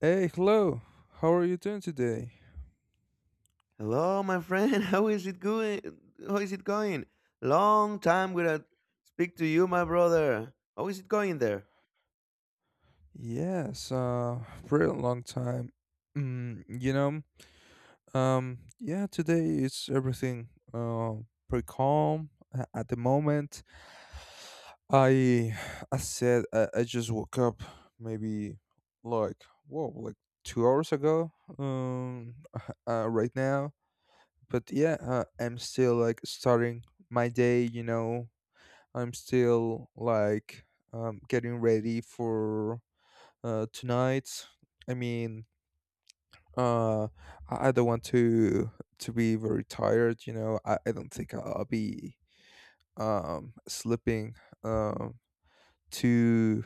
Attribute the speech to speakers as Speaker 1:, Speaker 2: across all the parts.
Speaker 1: Hey, hello. How are you doing today?
Speaker 2: Hello, my friend. How is it going? How is it going? Long time without speak to you, my brother. How is it going there?
Speaker 1: Yes, pretty long time. Mm, you know, yeah, today it's everything pretty calm at the moment. I, I just woke up maybe like 2 hours ago. Um, right now, but yeah, I'm still like starting my day. You know, I'm still like getting ready for tonight. I mean, uh, I don't want to be very tired. You know, I don't think I'll be sleeping um, too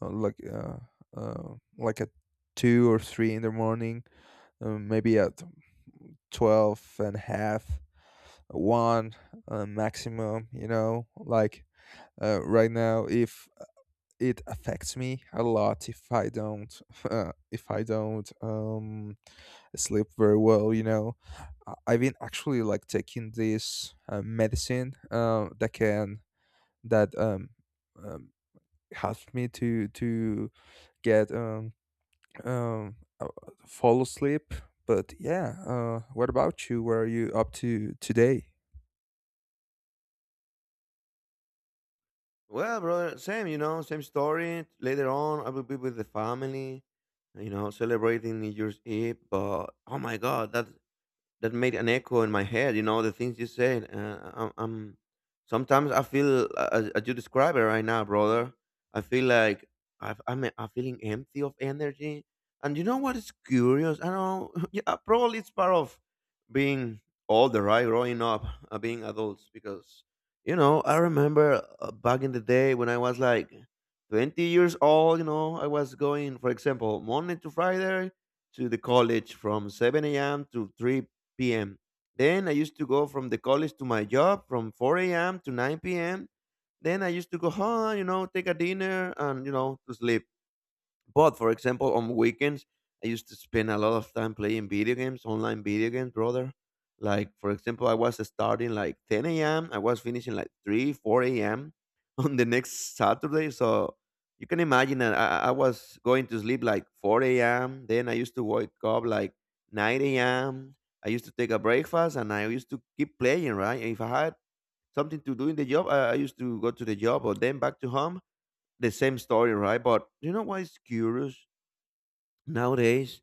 Speaker 1: uh, like uh, like at two or three in the morning. Maybe at 12 and a half, one maximum. You know, like right now, if it affects me a lot if I don't if I don't sleep very well. You know, I've been actually like taking this medicine that can that um helps me to get um uh, fall asleep, but yeah, what about you, what are you up to today?
Speaker 2: Well, brother, same, you know, same story. Later on, I will be with the family, you know, celebrating New Year's Eve. But oh my God, that made an echo in my head. You know the things you said. I'm sometimes I feel as you describe it right now, brother. I feel like I'm feeling empty of energy. And you know what is curious? I don't. Know, Yeah, probably it's part of being older, right? Growing up, being adults, because you know I remember back in the day when I was like 20 years old. You know, I was going, for example, Monday to Friday to the college from 7 a.m. to 3 p.m. Then I used to go from the college to my job from 4 a.m. to 9 p.m. Then I used to go home, you know, take a dinner and, you know, to sleep. But for example, on weekends, I used to spend a lot of time playing video games, online video games, brother. Like for example, I was starting like 10 a.m. I was finishing like 3, 4 a.m. on the next Saturday. So you can imagine that I was going to sleep like 4 a.m. Then I used to wake up like 9 a.m. I used to take a breakfast and I used to keep playing, right? If I had something to do in the job, I used to go to the job or then back to home the same story, right? But you know what is curious? Nowadays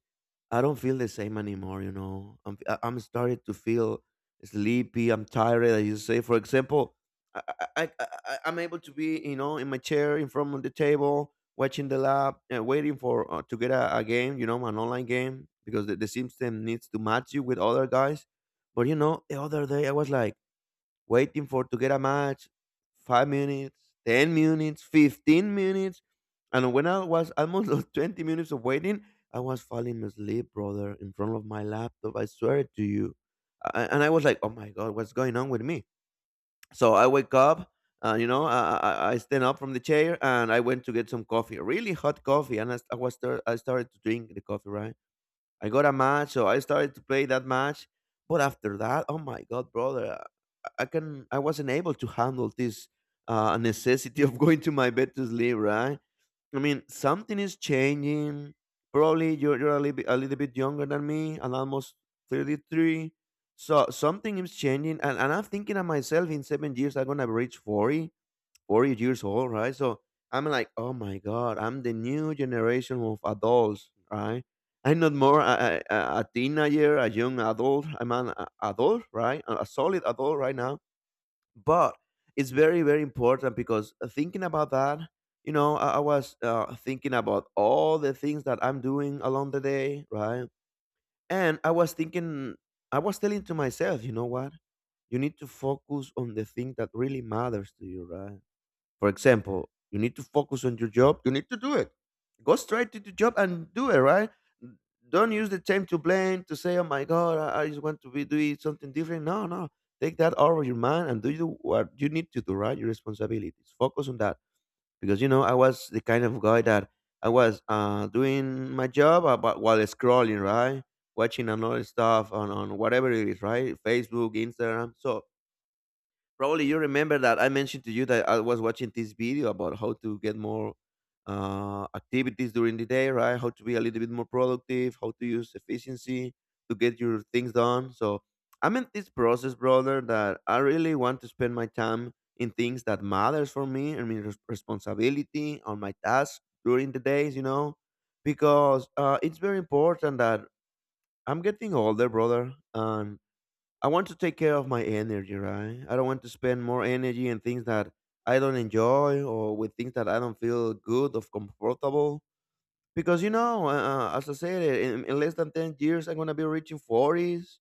Speaker 2: I don't feel the same anymore. You know, I'm starting to feel sleepy. I'm tired, as you say. For example, I, I i I'm able to be, you know, in my chair in front of the table watching the lab and waiting for to get a game, you know, an online game, because the system needs to match you with other guys. But you know, the other day I was like waiting for to get a match, 5 minutes, 10 minutes, 15 minutes, and when I was almost those 20 minutes of waiting, I was falling asleep, brother, in front of my laptop. I swear it to you, and I was like, "Oh my God, what's going on with me?" So I wake up. You know, I stand up from the chair and I went to get some coffee, really hot coffee, and I, st- I was start, I started to drink the coffee. Right, I got a match, so I started to play that match. But after that, oh my God, brother! I wasn't able to handle this necessity of going to my bed to sleep, right? I mean, something is changing. Probably you're a little bit younger than me. I'm almost 33. So something is changing. And I'm thinking of myself in 7 years, I'm going to reach 40, 40 years old, right? So I'm like, oh my God, I'm the new generation of adults, right? I'm not more a teenager, a young adult. I'm an adult, right? A solid adult right now, but it's very very important. Because thinking about that, you know, I was thinking about all the things that I'm doing along the day, right? And I was thinking, I was telling to myself, you know what, you need to focus on the thing that really matters to you, right? For example, you need to focus on your job, you need to do it. Go straight to the job and do it, right? N- Don't use the time to blame, to say, oh my God, I just want to be doing something different. No, no. Take that out of your mind and do you what you need to do, right? Your responsibilities. Focus on that. Because, you know, I was the kind of guy that I was doing my job about, while scrolling, right? Watching another stuff on whatever it is, right? Facebook, Instagram. So probably you remember that I mentioned to you that I was watching this video about how to get more activities during the day, right? How to be a little bit more productive, how to use efficiency to get your things done. So I'm in this process, brother, that I really want to spend my time in things that matters for me. I mean, responsibility on my tasks during the days, you know, because it's very important that I'm getting older, brother, and I want to take care of my energy, right? I don't want to spend more energy in things that I don't enjoy or with things that I don't feel good or comfortable. Because, you know, as I said, in less than 10 years, I'm going to be reaching 40s.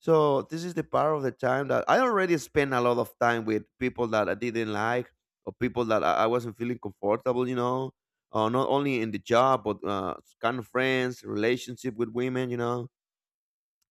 Speaker 2: So this is the part of the time that I already spent a lot of time with people that I didn't like or people that I wasn't feeling comfortable, you know, not only in the job, but kind of friends, relationship with women, you know,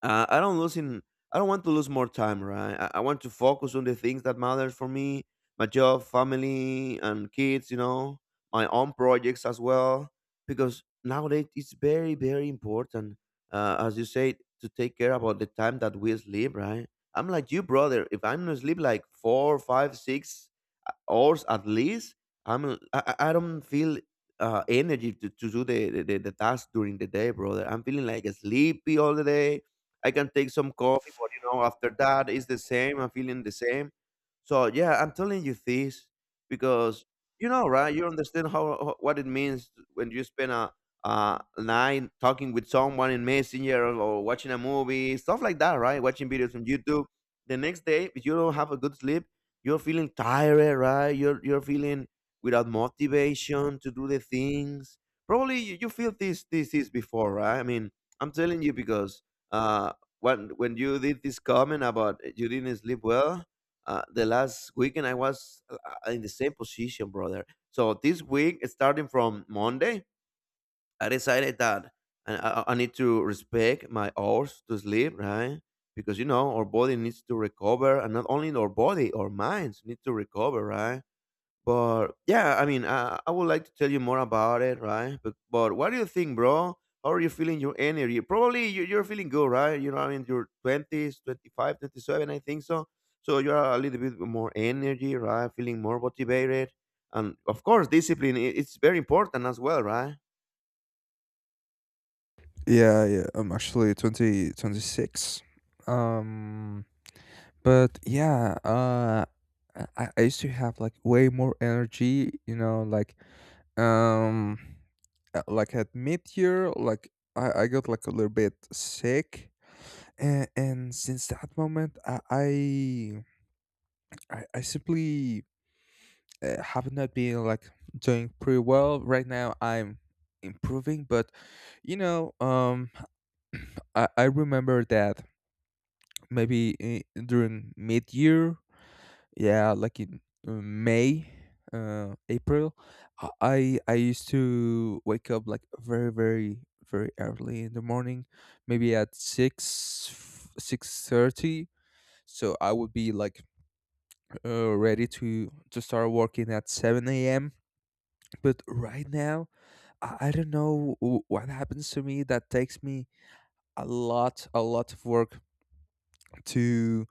Speaker 2: I don't losing. I don't want to lose more time, right? I want to focus on the things that matters for me, my job, family, and kids. You know, my own projects as well, because nowadays it's very, very important, as you said, to take care about the time that we sleep, right? I'm like you, brother. If I'm gonna sleep like four, five, six hours at least, I'm I don't feel energy to do the task during the day, brother. I'm feeling like sleepy all the day. I can take some coffee, but you know, after that, it's the same. I'm feeling the same. So yeah, I'm telling you this because you know, right? You understand what it means when you spend a night talking with someone in Messenger or watching a movie, stuff like that, right? Watching videos from YouTube. The next day, if you don't have a good sleep, you're feeling tired, right? You're feeling without motivation to do the things. Probably you feel this is before, right? I mean, I'm telling you because uh, when you did this comment about you didn't sleep well the last weekend. I was in the same position, brother. So this week, starting from Monday, I decided that I need to respect my hours to sleep, right? Because you know, our body needs to recover, and not only our body, our minds need to recover, right? But yeah, I mean, I would like to tell you more about it, right? But what do you think, bro? How are you feeling your energy? Probably you're feeling good, right? You know, I mean, you're 20s, 27. I think so. So you're a little bit more energy, right? Feeling more motivated. And of course, discipline, it's very important as well, right?
Speaker 1: Yeah, I'm actually 2026. Um but yeah I used to have like way more energy, you know, um like at mid-year, like I got like a little bit sick, and since that moment I simply have not been like doing pretty well. Right now I'm improving, but you know um I remember that maybe during mid-year, yeah, like in may April I used to wake up like very, very, very early in the morning, maybe at 6 6:30. So I would be like ready to start working at 7 a.m. But right now I don't know what happens to me that takes me a lot, a lot of work to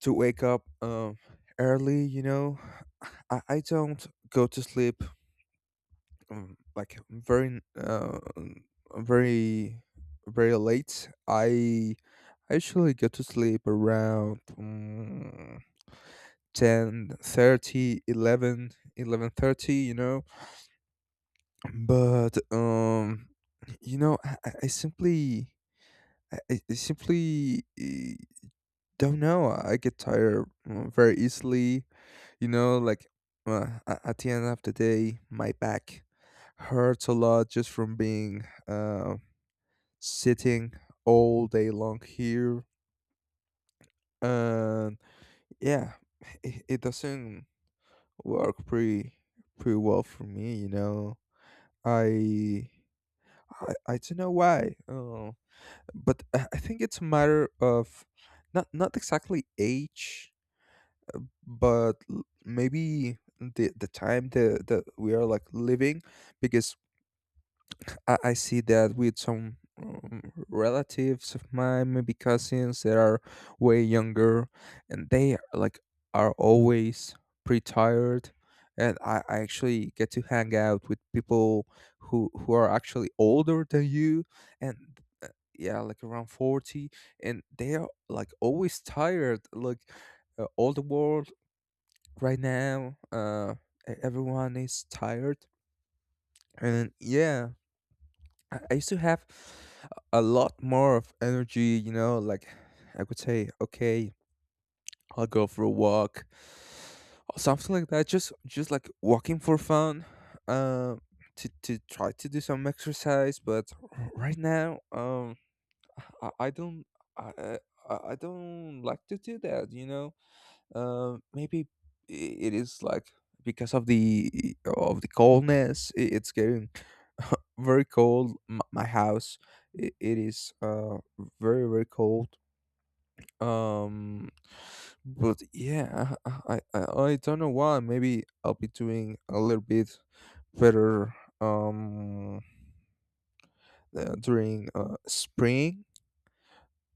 Speaker 1: wake up early. You know, I don't go to sleep um, like very uh, um, very very late. I usually go to sleep around. 10 30, 11, 11:30. You know, but I simply I simply don't know, I get tired very easily. You know, like at the end of the day, my back hurts a lot just from being sitting all day long here. And yeah, it doesn't work pretty well for me. You know, I I don't know why. Oh, but I think it's a matter of not exactly age, but maybe the time that we are like living, because I see that with some relatives of mine, maybe cousins that are way younger, and they like are always pretty tired. And I actually get to hang out with people who are actually older than you, and uh, yeah, like around 40, and they are like always tired. Like all the world right now, everyone is tired, and yeah, I used to have a lot more of energy, you know, like I could say, okay, I'll go for a walk or something like that. Just like walking for fun, um, to try to do some exercise. But right now, I don't I I don't like to do that. You know, maybe it is like because of the coldness. It's getting very cold. M- my house, it is very, very cold. Um but yeah I don't know why. Maybe I'll be doing a little bit better um during spring.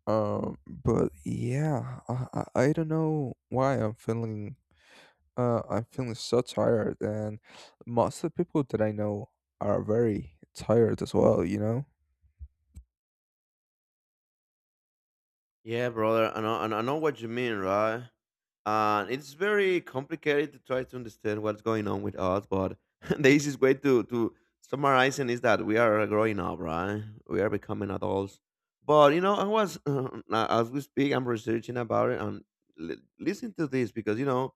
Speaker 1: But yeah I don't know why I'm feeling I'm feeling so tired, and most of the people that I know are very tired as well, you know?
Speaker 2: Yeah, brother, I know, I know what you mean, right? And it's very complicated to try to understand what's going on with us, but the easiest way to summarize it is that we are growing up, right? We are becoming adults. But you know, I was as we speak, I'm researching about it. And listen to this, because you know,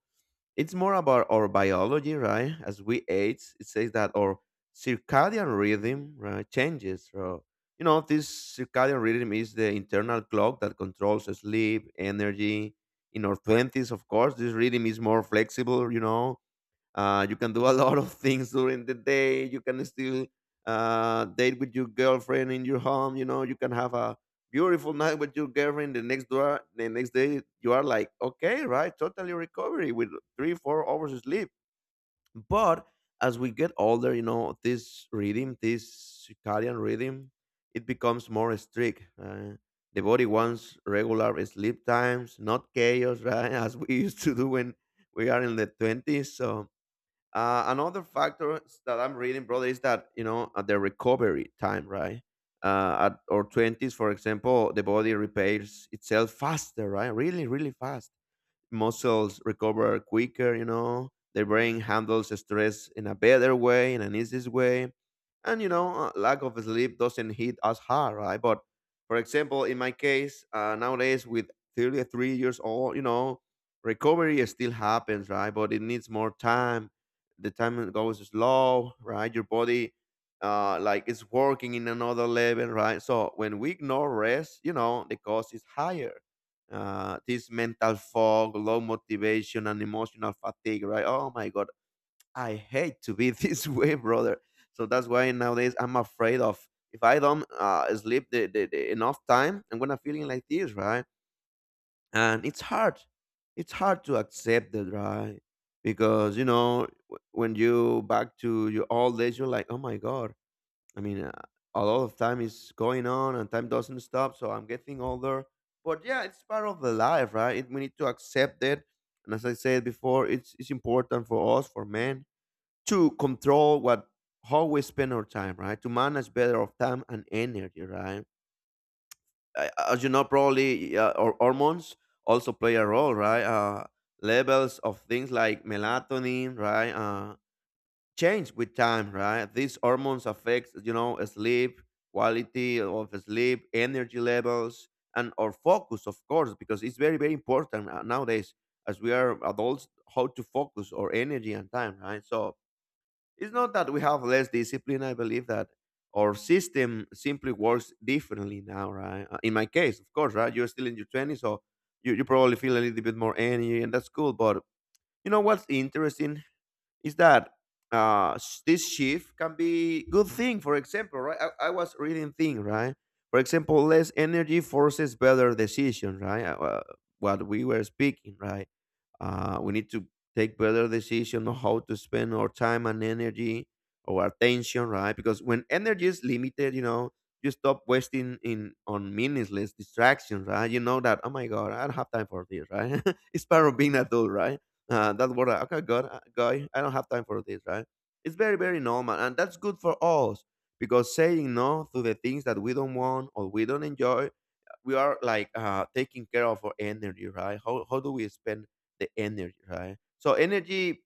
Speaker 2: it's more about our biology, right? As we age, it says that our circadian rhythm, right, changes. So, you know, this circadian rhythm is the internal clock that controls sleep, energy. In our twenties, of course, this rhythm is more flexible. You know, you can do a lot of things during the day. You can still date with your girlfriend in your home. You know, you can have a beautiful night with your girlfriend. The next door, the next day, you are like, okay, right, totally recovery with three, 4 hours of sleep. But as we get older, you know, this rhythm, this circadian rhythm, it becomes more strict. The body wants regular sleep times, not chaos, right? As we used to do when we are in the 20s. So another factor that I'm reading, brother, is that, you know, at the recovery time, right? At our twenties, for example, the body repairs itself faster, right? Really, really fast, muscles recover quicker, you know, the brain handles stress in a better way, in an easiest way. And, you know, lack of sleep doesn't hit as hard, right? But for example, in my case, nowadays with 33 years old, you know, recovery still happens, right? But it needs more time. The time goes slow, right? Your body like it's working in another level, right? So when we ignore rest, you know, the cost is higher. This mental fog, low motivation, and emotional fatigue, right? Oh my God, I hate to be this way, brother. So that's why nowadays I'm afraid of if I don't sleep the enough time, I'm gonna feeling like this, right? And it's hard. It's hard to accept that, right? Because you know, when you back to your old age, you're like, oh my God, I mean, a lot of time is going on and time doesn't stop. So I'm getting older. But yeah, it's part of the life, right? We need to accept it. And as I said before, it's important for us, for men, to control what how we spend our time, right? To manage better of time and energy, right? As you know, probably our hormones also play a role, right? Levels of things like melatonin, right? Change with time, right? These hormones affect, you know, sleep, quality of sleep, energy levels, and our focus, of course, because it's very, very important nowadays as we are adults how to focus our energy and time, right? So it's not that we have less discipline. I believe that our system simply works differently now, right? In my case, of course, right? You're still in your 20s, so you probably feel a little bit more energy, and that's cool. But you know what's interesting is that this shift can be good thing. For example, right? I was reading thing, right? For example, less energy forces better decision, right? What we were speaking, right? We need to take better decision on how to spend our time and energy, our attention, right? Because when energy is limited, you know, you stop wasting in on meaningless distractions, right? You know that, oh my God, I don't have time for this, right? It's part of being adult, right? That's what, I, okay, God, guy, I don't have time for this, right? It's very, very normal. And that's good for us because saying no to the things that we don't want or we don't enjoy we are like taking care of our energy, right? How do we spend the energy, right? So energy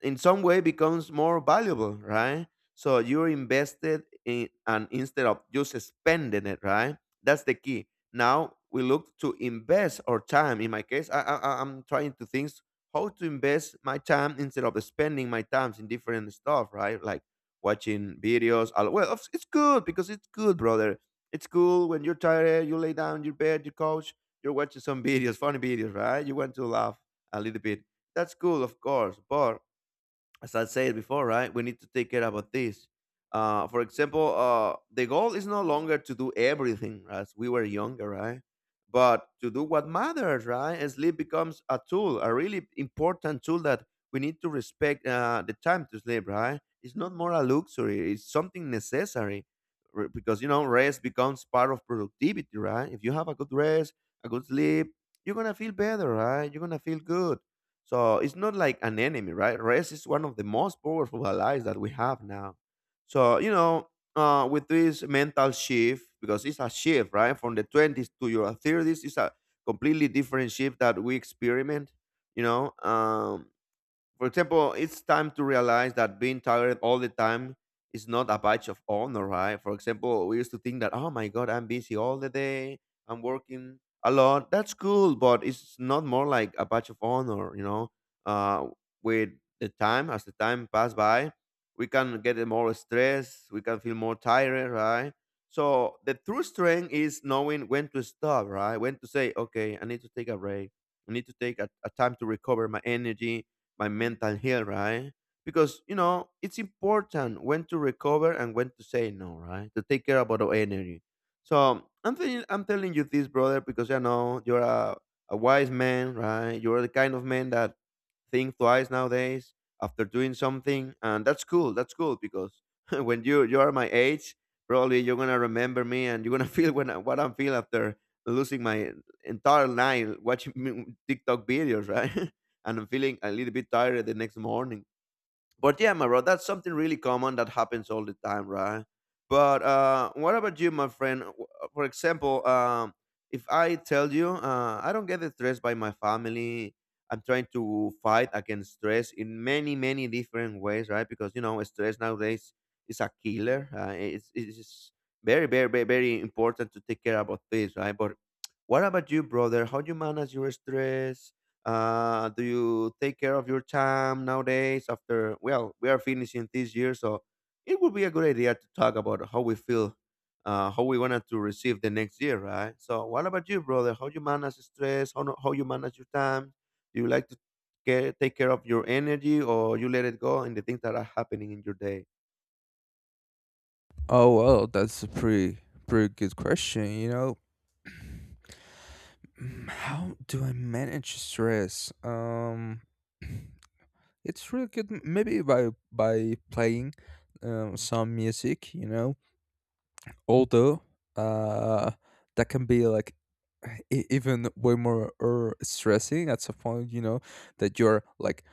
Speaker 2: in some way becomes more valuable, right? So you're invested in and instead of just spending it, right? That's the key. Now we look to invest our time. In my case, I'm trying to think how to invest my time instead of spending my times in different stuff, right? Like watching videos. Well, it's good because it's good, brother. It's cool when you're tired, you lay down your bed, your couch, you're watching some videos, funny videos, right? You want to laugh a little bit. That's cool, of course, but as I said before, right, we need to take care about this. For example, the goal is no longer to do everything right, as we were younger, right? But to do what matters, right? And sleep becomes a tool, a really important tool that we need to respect the time to sleep, right? It's not more a luxury, it's something necessary. Because you know rest becomes part of productivity, right? If you have a good rest, a good sleep, you're gonna feel better, right? You're gonna feel good. So it's not like an enemy, right? Rest is one of the most powerful allies that we have now. So, you know, with this mental shift, because it's a shift, right? From the 20s to your 30s, it's a completely different shift that we experiment, you know. For example, it's time to realize that being tired all the time is not a badge of honor, right? For example, we used to think that, oh my God, I'm busy all the day, I'm working a lot. That's cool, but it's not more like a badge of honor, you know? Uh, with the time, as the time pass by, we can get more stress, we can feel more tired, right? So the true strength is knowing when to stop, right? When to say, okay, I need to take a break. I need to take a time to recover my energy, my mental health, right? Because you know it's important when to recover and when to say no, right? To take care about our energy. So I'm thinking, I'm telling you this, brother, because I know a wise man, right? You're the kind of man that think twice nowadays after doing something, and that's cool. That's cool because when you are my age, probably you're gonna remember me and you're gonna feel when what I feel after losing my entire night watching TikTok videos, right? And I'm feeling a little bit tired the next morning. But yeah, my bro, that's something really common that happens all the time, right? But what about you, my friend? For example, if I tell you I don't get stressed by my family, I'm trying to fight against stress in many, many different ways, right? Because you know, stress nowadays is a killer. It's very, very, very, very important to take care about this, right? But what about you, brother? How do you manage your stress? Do you take care of your time nowadays? After well, we are finishing this year, so it would be a good idea to talk about how we feel, how we wanted to receive the next year, right? So, what about you, brother? How you manage stress? How no- how you manage your time? Do you like to care, take care of your energy, or you let it go in the things that are happening in your day?
Speaker 1: Oh, well, that's a pretty good question, you know? Mm, how do I manage stress? It's really good. M- Maybe by playing some music, you know. Although uh, that can be like even way more stressing at some point, you know, that you're like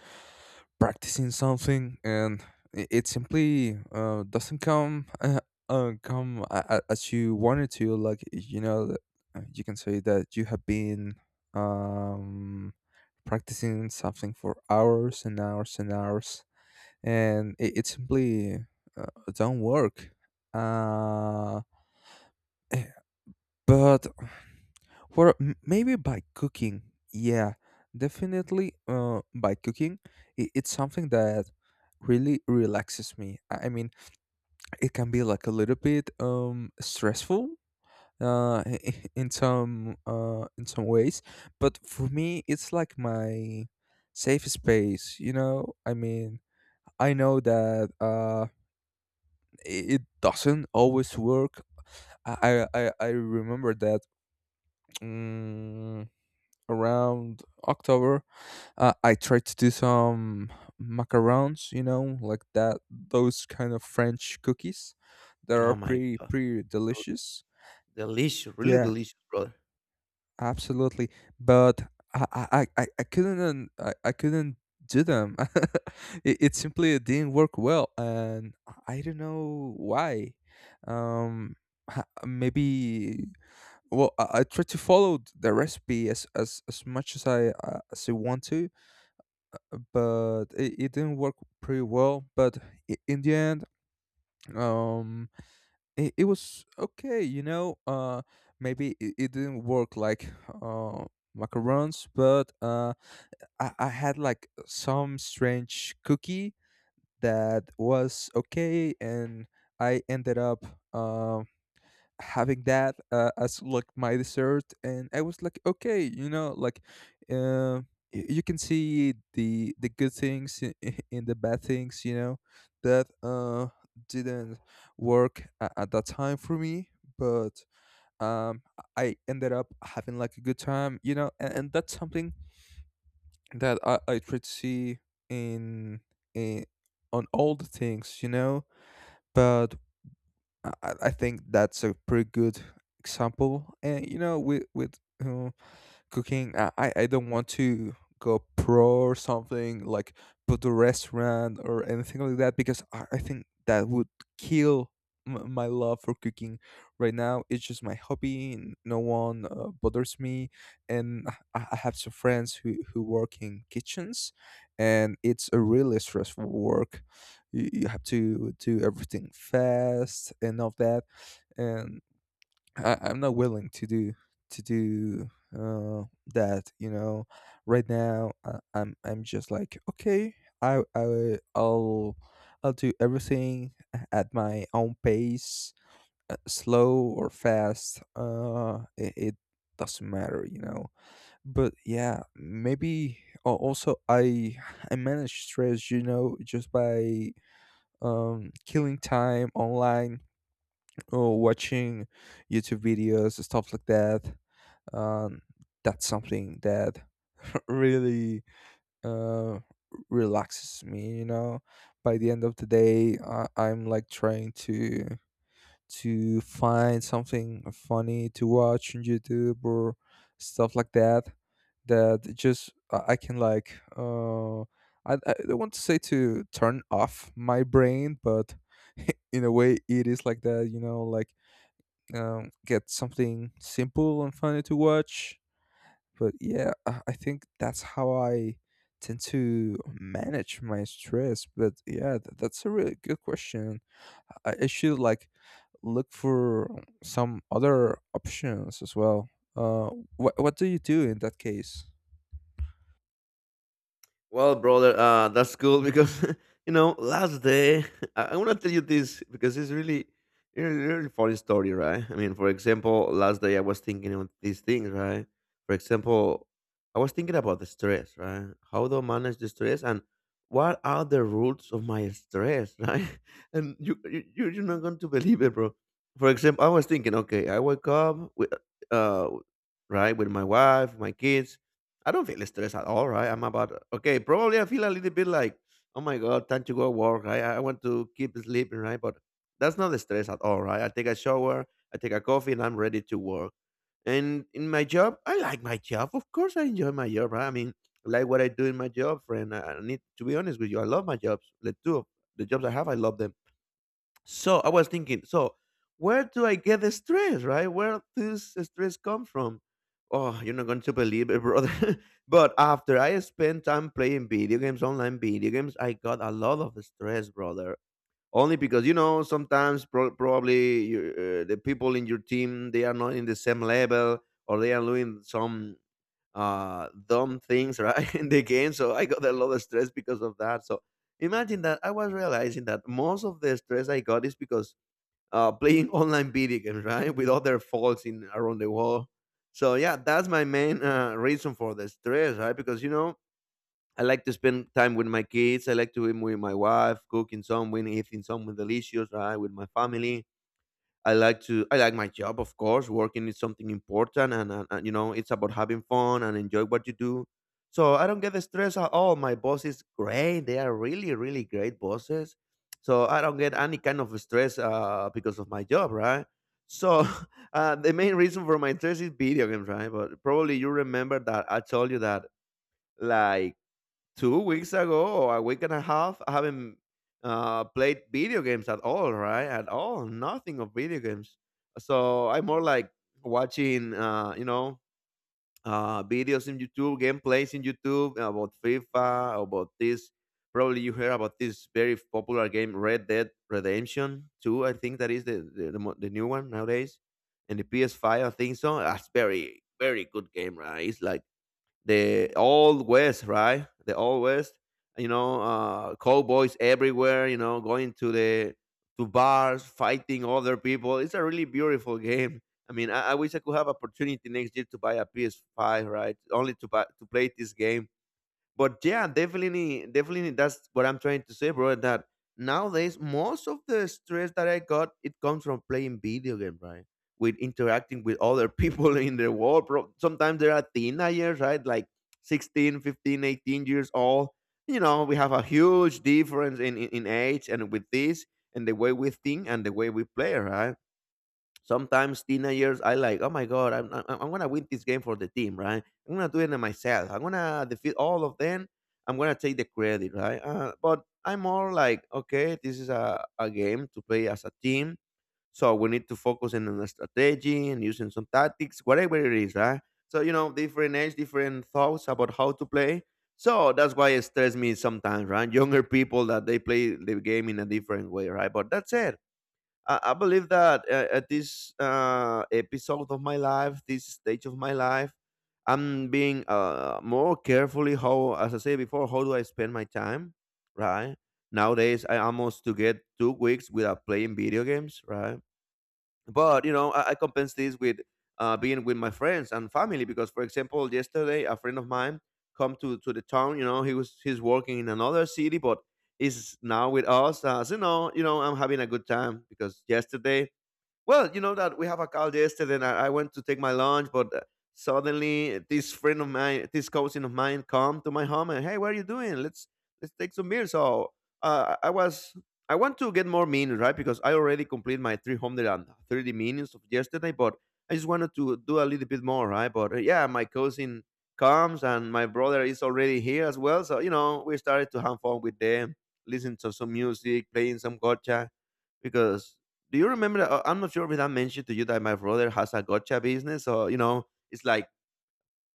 Speaker 1: practicing something and it simply doesn't come come as you wanted to, like, you know that, you can say that you have been um, practicing something for hours and hours and hours, and it simply uh, don't work uh, but for, maybe by cooking. Yeah, definitely by cooking. I It's something that really relaxes me. I mean, it can be like a little bit stressful uh in some ways, but for me it's like my safe space, you know. I mean, I know that it doesn't always work. i i i I remember that mm, around October, I tried to do some macarons, you know, like that, those kind of French cookies that are
Speaker 2: Oh my
Speaker 1: pretty,
Speaker 2: God,
Speaker 1: pretty delicious.
Speaker 2: delicious, really
Speaker 1: Yeah,
Speaker 2: delicious, brother.
Speaker 1: absolutely. But I couldn't, I couldn't do them. It simply didn't work well, and I don't know why. Um, Maybe, I try to follow the recipe as as much as I want to, but it didn't work pretty well. But in the end, um it was okay, you know. uh, maybe it, it didn't work like uh macarons, but I had like some strange cookie that was okay, and I ended up um having that as like my dessert, and I was like, okay, you know, like uh, you can see the good things in, in the bad things, you know, that didn't work at that time for me. But um I ended up having like a good time, you know, and that's something that I try to see in, in on all the things, you know. But I think that's a pretty good example. And you know, with uh, cooking. I don't want to go pro or something like put a restaurant or anything like that, because I think that would kill my love for cooking. Right now it's just my hobby and no one bothers me, and I have some friends who work in kitchens, and it's a really stressful work. You have to do everything fast and all that, and I'm not willing to do to do uh, that. You know, right now I'm just like, okay, I will- I'll do everything at my own pace, slow or fast. It doesn't matter, you know. But yeah, maybe also I manage stress, you know, just by killing time online or watching YouTube videos, stuff like that. Um, that's something that really uh, relaxes me. You know, by the end of the day, I'm like trying to find something funny to watch on YouTube or stuff like that. That just I can, like, I don't want to say to turn off my brain, but in a way it is like that. You know, like get something simple and funny to watch. But yeah, I think that's how I tend to manage my stress. But yeah, that's a really good question. I should like look for some other options as well. Uh, what what do you do in that case?
Speaker 2: Well, brother, that's cool because you know last day I want to tell you this because it's really, really, really funny story, right? I mean, for example, last day I was thinking on these things, right? For example, I was thinking about the stress, right? How do I manage the stress and what are the roots of my stress, right? And you're not going to believe it, bro. For example, I was thinking, okay, I wake up with, uh, right, with my wife, my kids. I don't feel stressed at all, right? I'm about okay. Probably I feel a little bit like, oh my God, time to go to work. Right? I want to keep sleeping, right? But that's not the stress at all, right? I take a shower, I take a coffee, and I'm ready to work. And in my job, I like my job. Of course, I enjoy my job, right? I mean, I like what I do in my job, friend. I need to be honest with you. I love my jobs. The two of the jobs I have, I love them. So I was thinking, so where do I get the stress, right? Where does the stress come from? Oh, you're not going to believe it, brother. But after I spent time playing video games, online video games, I got a lot of stress, brother. Only because you know sometimes probably you, the people in your team they are not in the same level or they are doing some dumb things, right? In the game. So I got a lot of stress because of that. So imagine that I was realizing that most of the stress I got is because playing online video games, right, with other folks in around the world. So yeah, that's my main reason for the stress, right? Because you know I like to spend time with my kids. I like to be with my wife, cooking something, eating something delicious, right, with my family. I like to I like my job, of course. Working is something important, and you know it's about having fun and enjoy what you do. So I don't get the stress at all. My boss is great; they are really, really great bosses. So I don't get any kind of stress because of my job, right? So the main reason for my stress is video games, right? But probably you remember that I told you that like 2 weeks ago or 1.5 weeks, I haven't played video games at all, right? At all, nothing of video games. So I'm more like watching, videos in YouTube, gameplays in YouTube about FIFA, about this. Probably you heard about this very popular game, Red Dead Redemption 2. I think that is the new one nowadays, and the PS5. I think so. That's very very good game, right? It's like the old west, right? The old west, cowboys everywhere, you know, going to bars, fighting other people. It's a really beautiful game. I mean, I wish I could have opportunity next year to buy a PS5, right? Only to buy, to play this game. But yeah, definitely that's what I'm trying to say, bro, that nowadays most of the stress that I got, it comes from playing video game, right? With interacting with other people in the world, bro. Sometimes there are teenagers, right? Like 16, 15, 18 years old. You know, we have a huge difference in age, and with this and the way we think and the way we play, right? Sometimes teenagers, years, I like, oh my god, I'm gonna win this game for the team, right? I'm gonna do it myself. I'm gonna defeat all of them. I'm gonna take the credit, right? But I'm more like, okay, this is a game to play as a team, so we need to focus in on the strategy and using some tactics, whatever it is, right? So you know, different age, different thoughts about how to play. So that's why it stresses me sometimes, right? Younger people that they play the game in a different way, right? But that's it, I believe that at this episode of my life, this stage of my life, I'm being more carefully how, as I said before, how do I spend my time, right? Nowadays, I almost to get 2 weeks without playing video games, right? But you know, I compense this with being with my friends and family, because for example yesterday a friend of mine come to the town. You know, he's working in another city, but is now with us. As you know, you know, I'm having a good time because yesterday, well, you know that we have a call yesterday, and I went to take my lunch, but suddenly this friend of mine, this cousin of mine, come to my home and hey, what are you doing? Let's take some beer. So I was, I want to get more minutes, right? Because I already completed my 330 minutes of yesterday, but I just wanted to do a little bit more, right? But yeah, my cousin comes and my brother is already here as well. So you know, we started to have fun with them, listen to some music, playing some gotcha. Because do you remember, I'm not sure if I mentioned to you that my brother has a gotcha business. So you know, it's like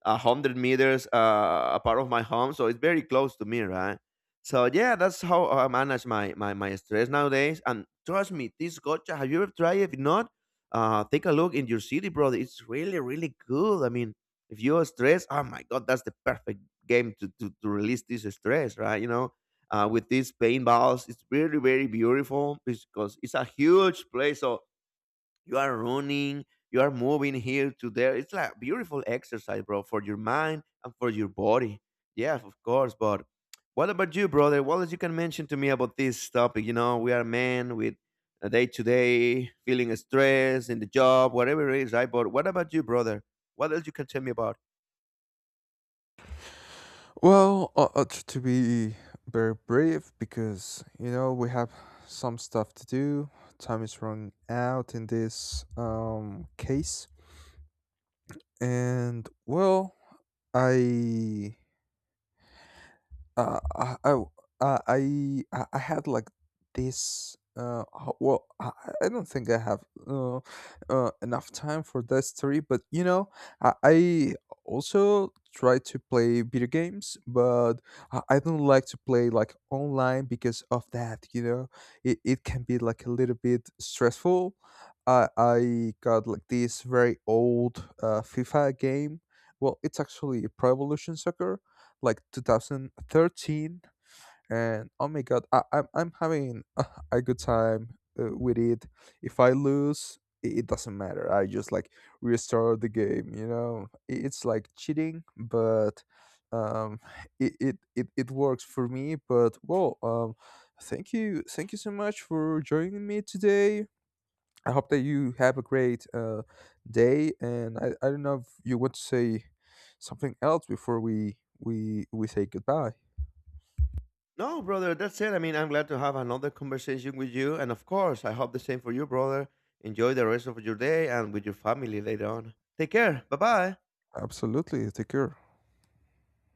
Speaker 2: 100 meters apart of my home, so it's very close to me, right? So yeah, that's how I manage my stress nowadays. And trust me, this gotcha. Have you ever tried it? If not, take a look in your city, brother. It's really really good. I mean, if you are stressed, oh my god, that's the perfect game to release this stress, right? You know. With these paintballs, it's really very beautiful because it's a huge place. So you are running, you are moving here to there. It's like beautiful exercise, bro, for your mind and for your body. Yeah, of course. But what about you, brother? What else you can mention to me about this topic? You know, we are men with a day to day feeling stress in the job, whatever it is, right? But what about you, brother? What else you can tell me about?
Speaker 1: Well, to be very brave, because you know we have some stuff to do. Time is running out in this case. And well, I I, oh, I had like this. I don't think I have enough time for that story, but you know, I also try to play video games, but I don't like to play like online because of that. You know, it can be like a little bit stressful. I got like this very old FIFA game. Well, it's actually Pro Evolution Soccer like 2013, and oh my god, I'm having a good time with it. If I lose, it doesn't matter, I just like restart the game, you know. It's like cheating, but um it it works for me. But well, thank you, so much for joining me today. I hope that you have a great day, and I don't know if you want to say something else before we say goodbye.
Speaker 2: No, brother, that's it. I mean, I'm glad to have another conversation with you, and of course I hope the same for you, brother. Enjoy the rest of your day and with your family later on. Take care, bye bye.
Speaker 1: Absolutely, take care.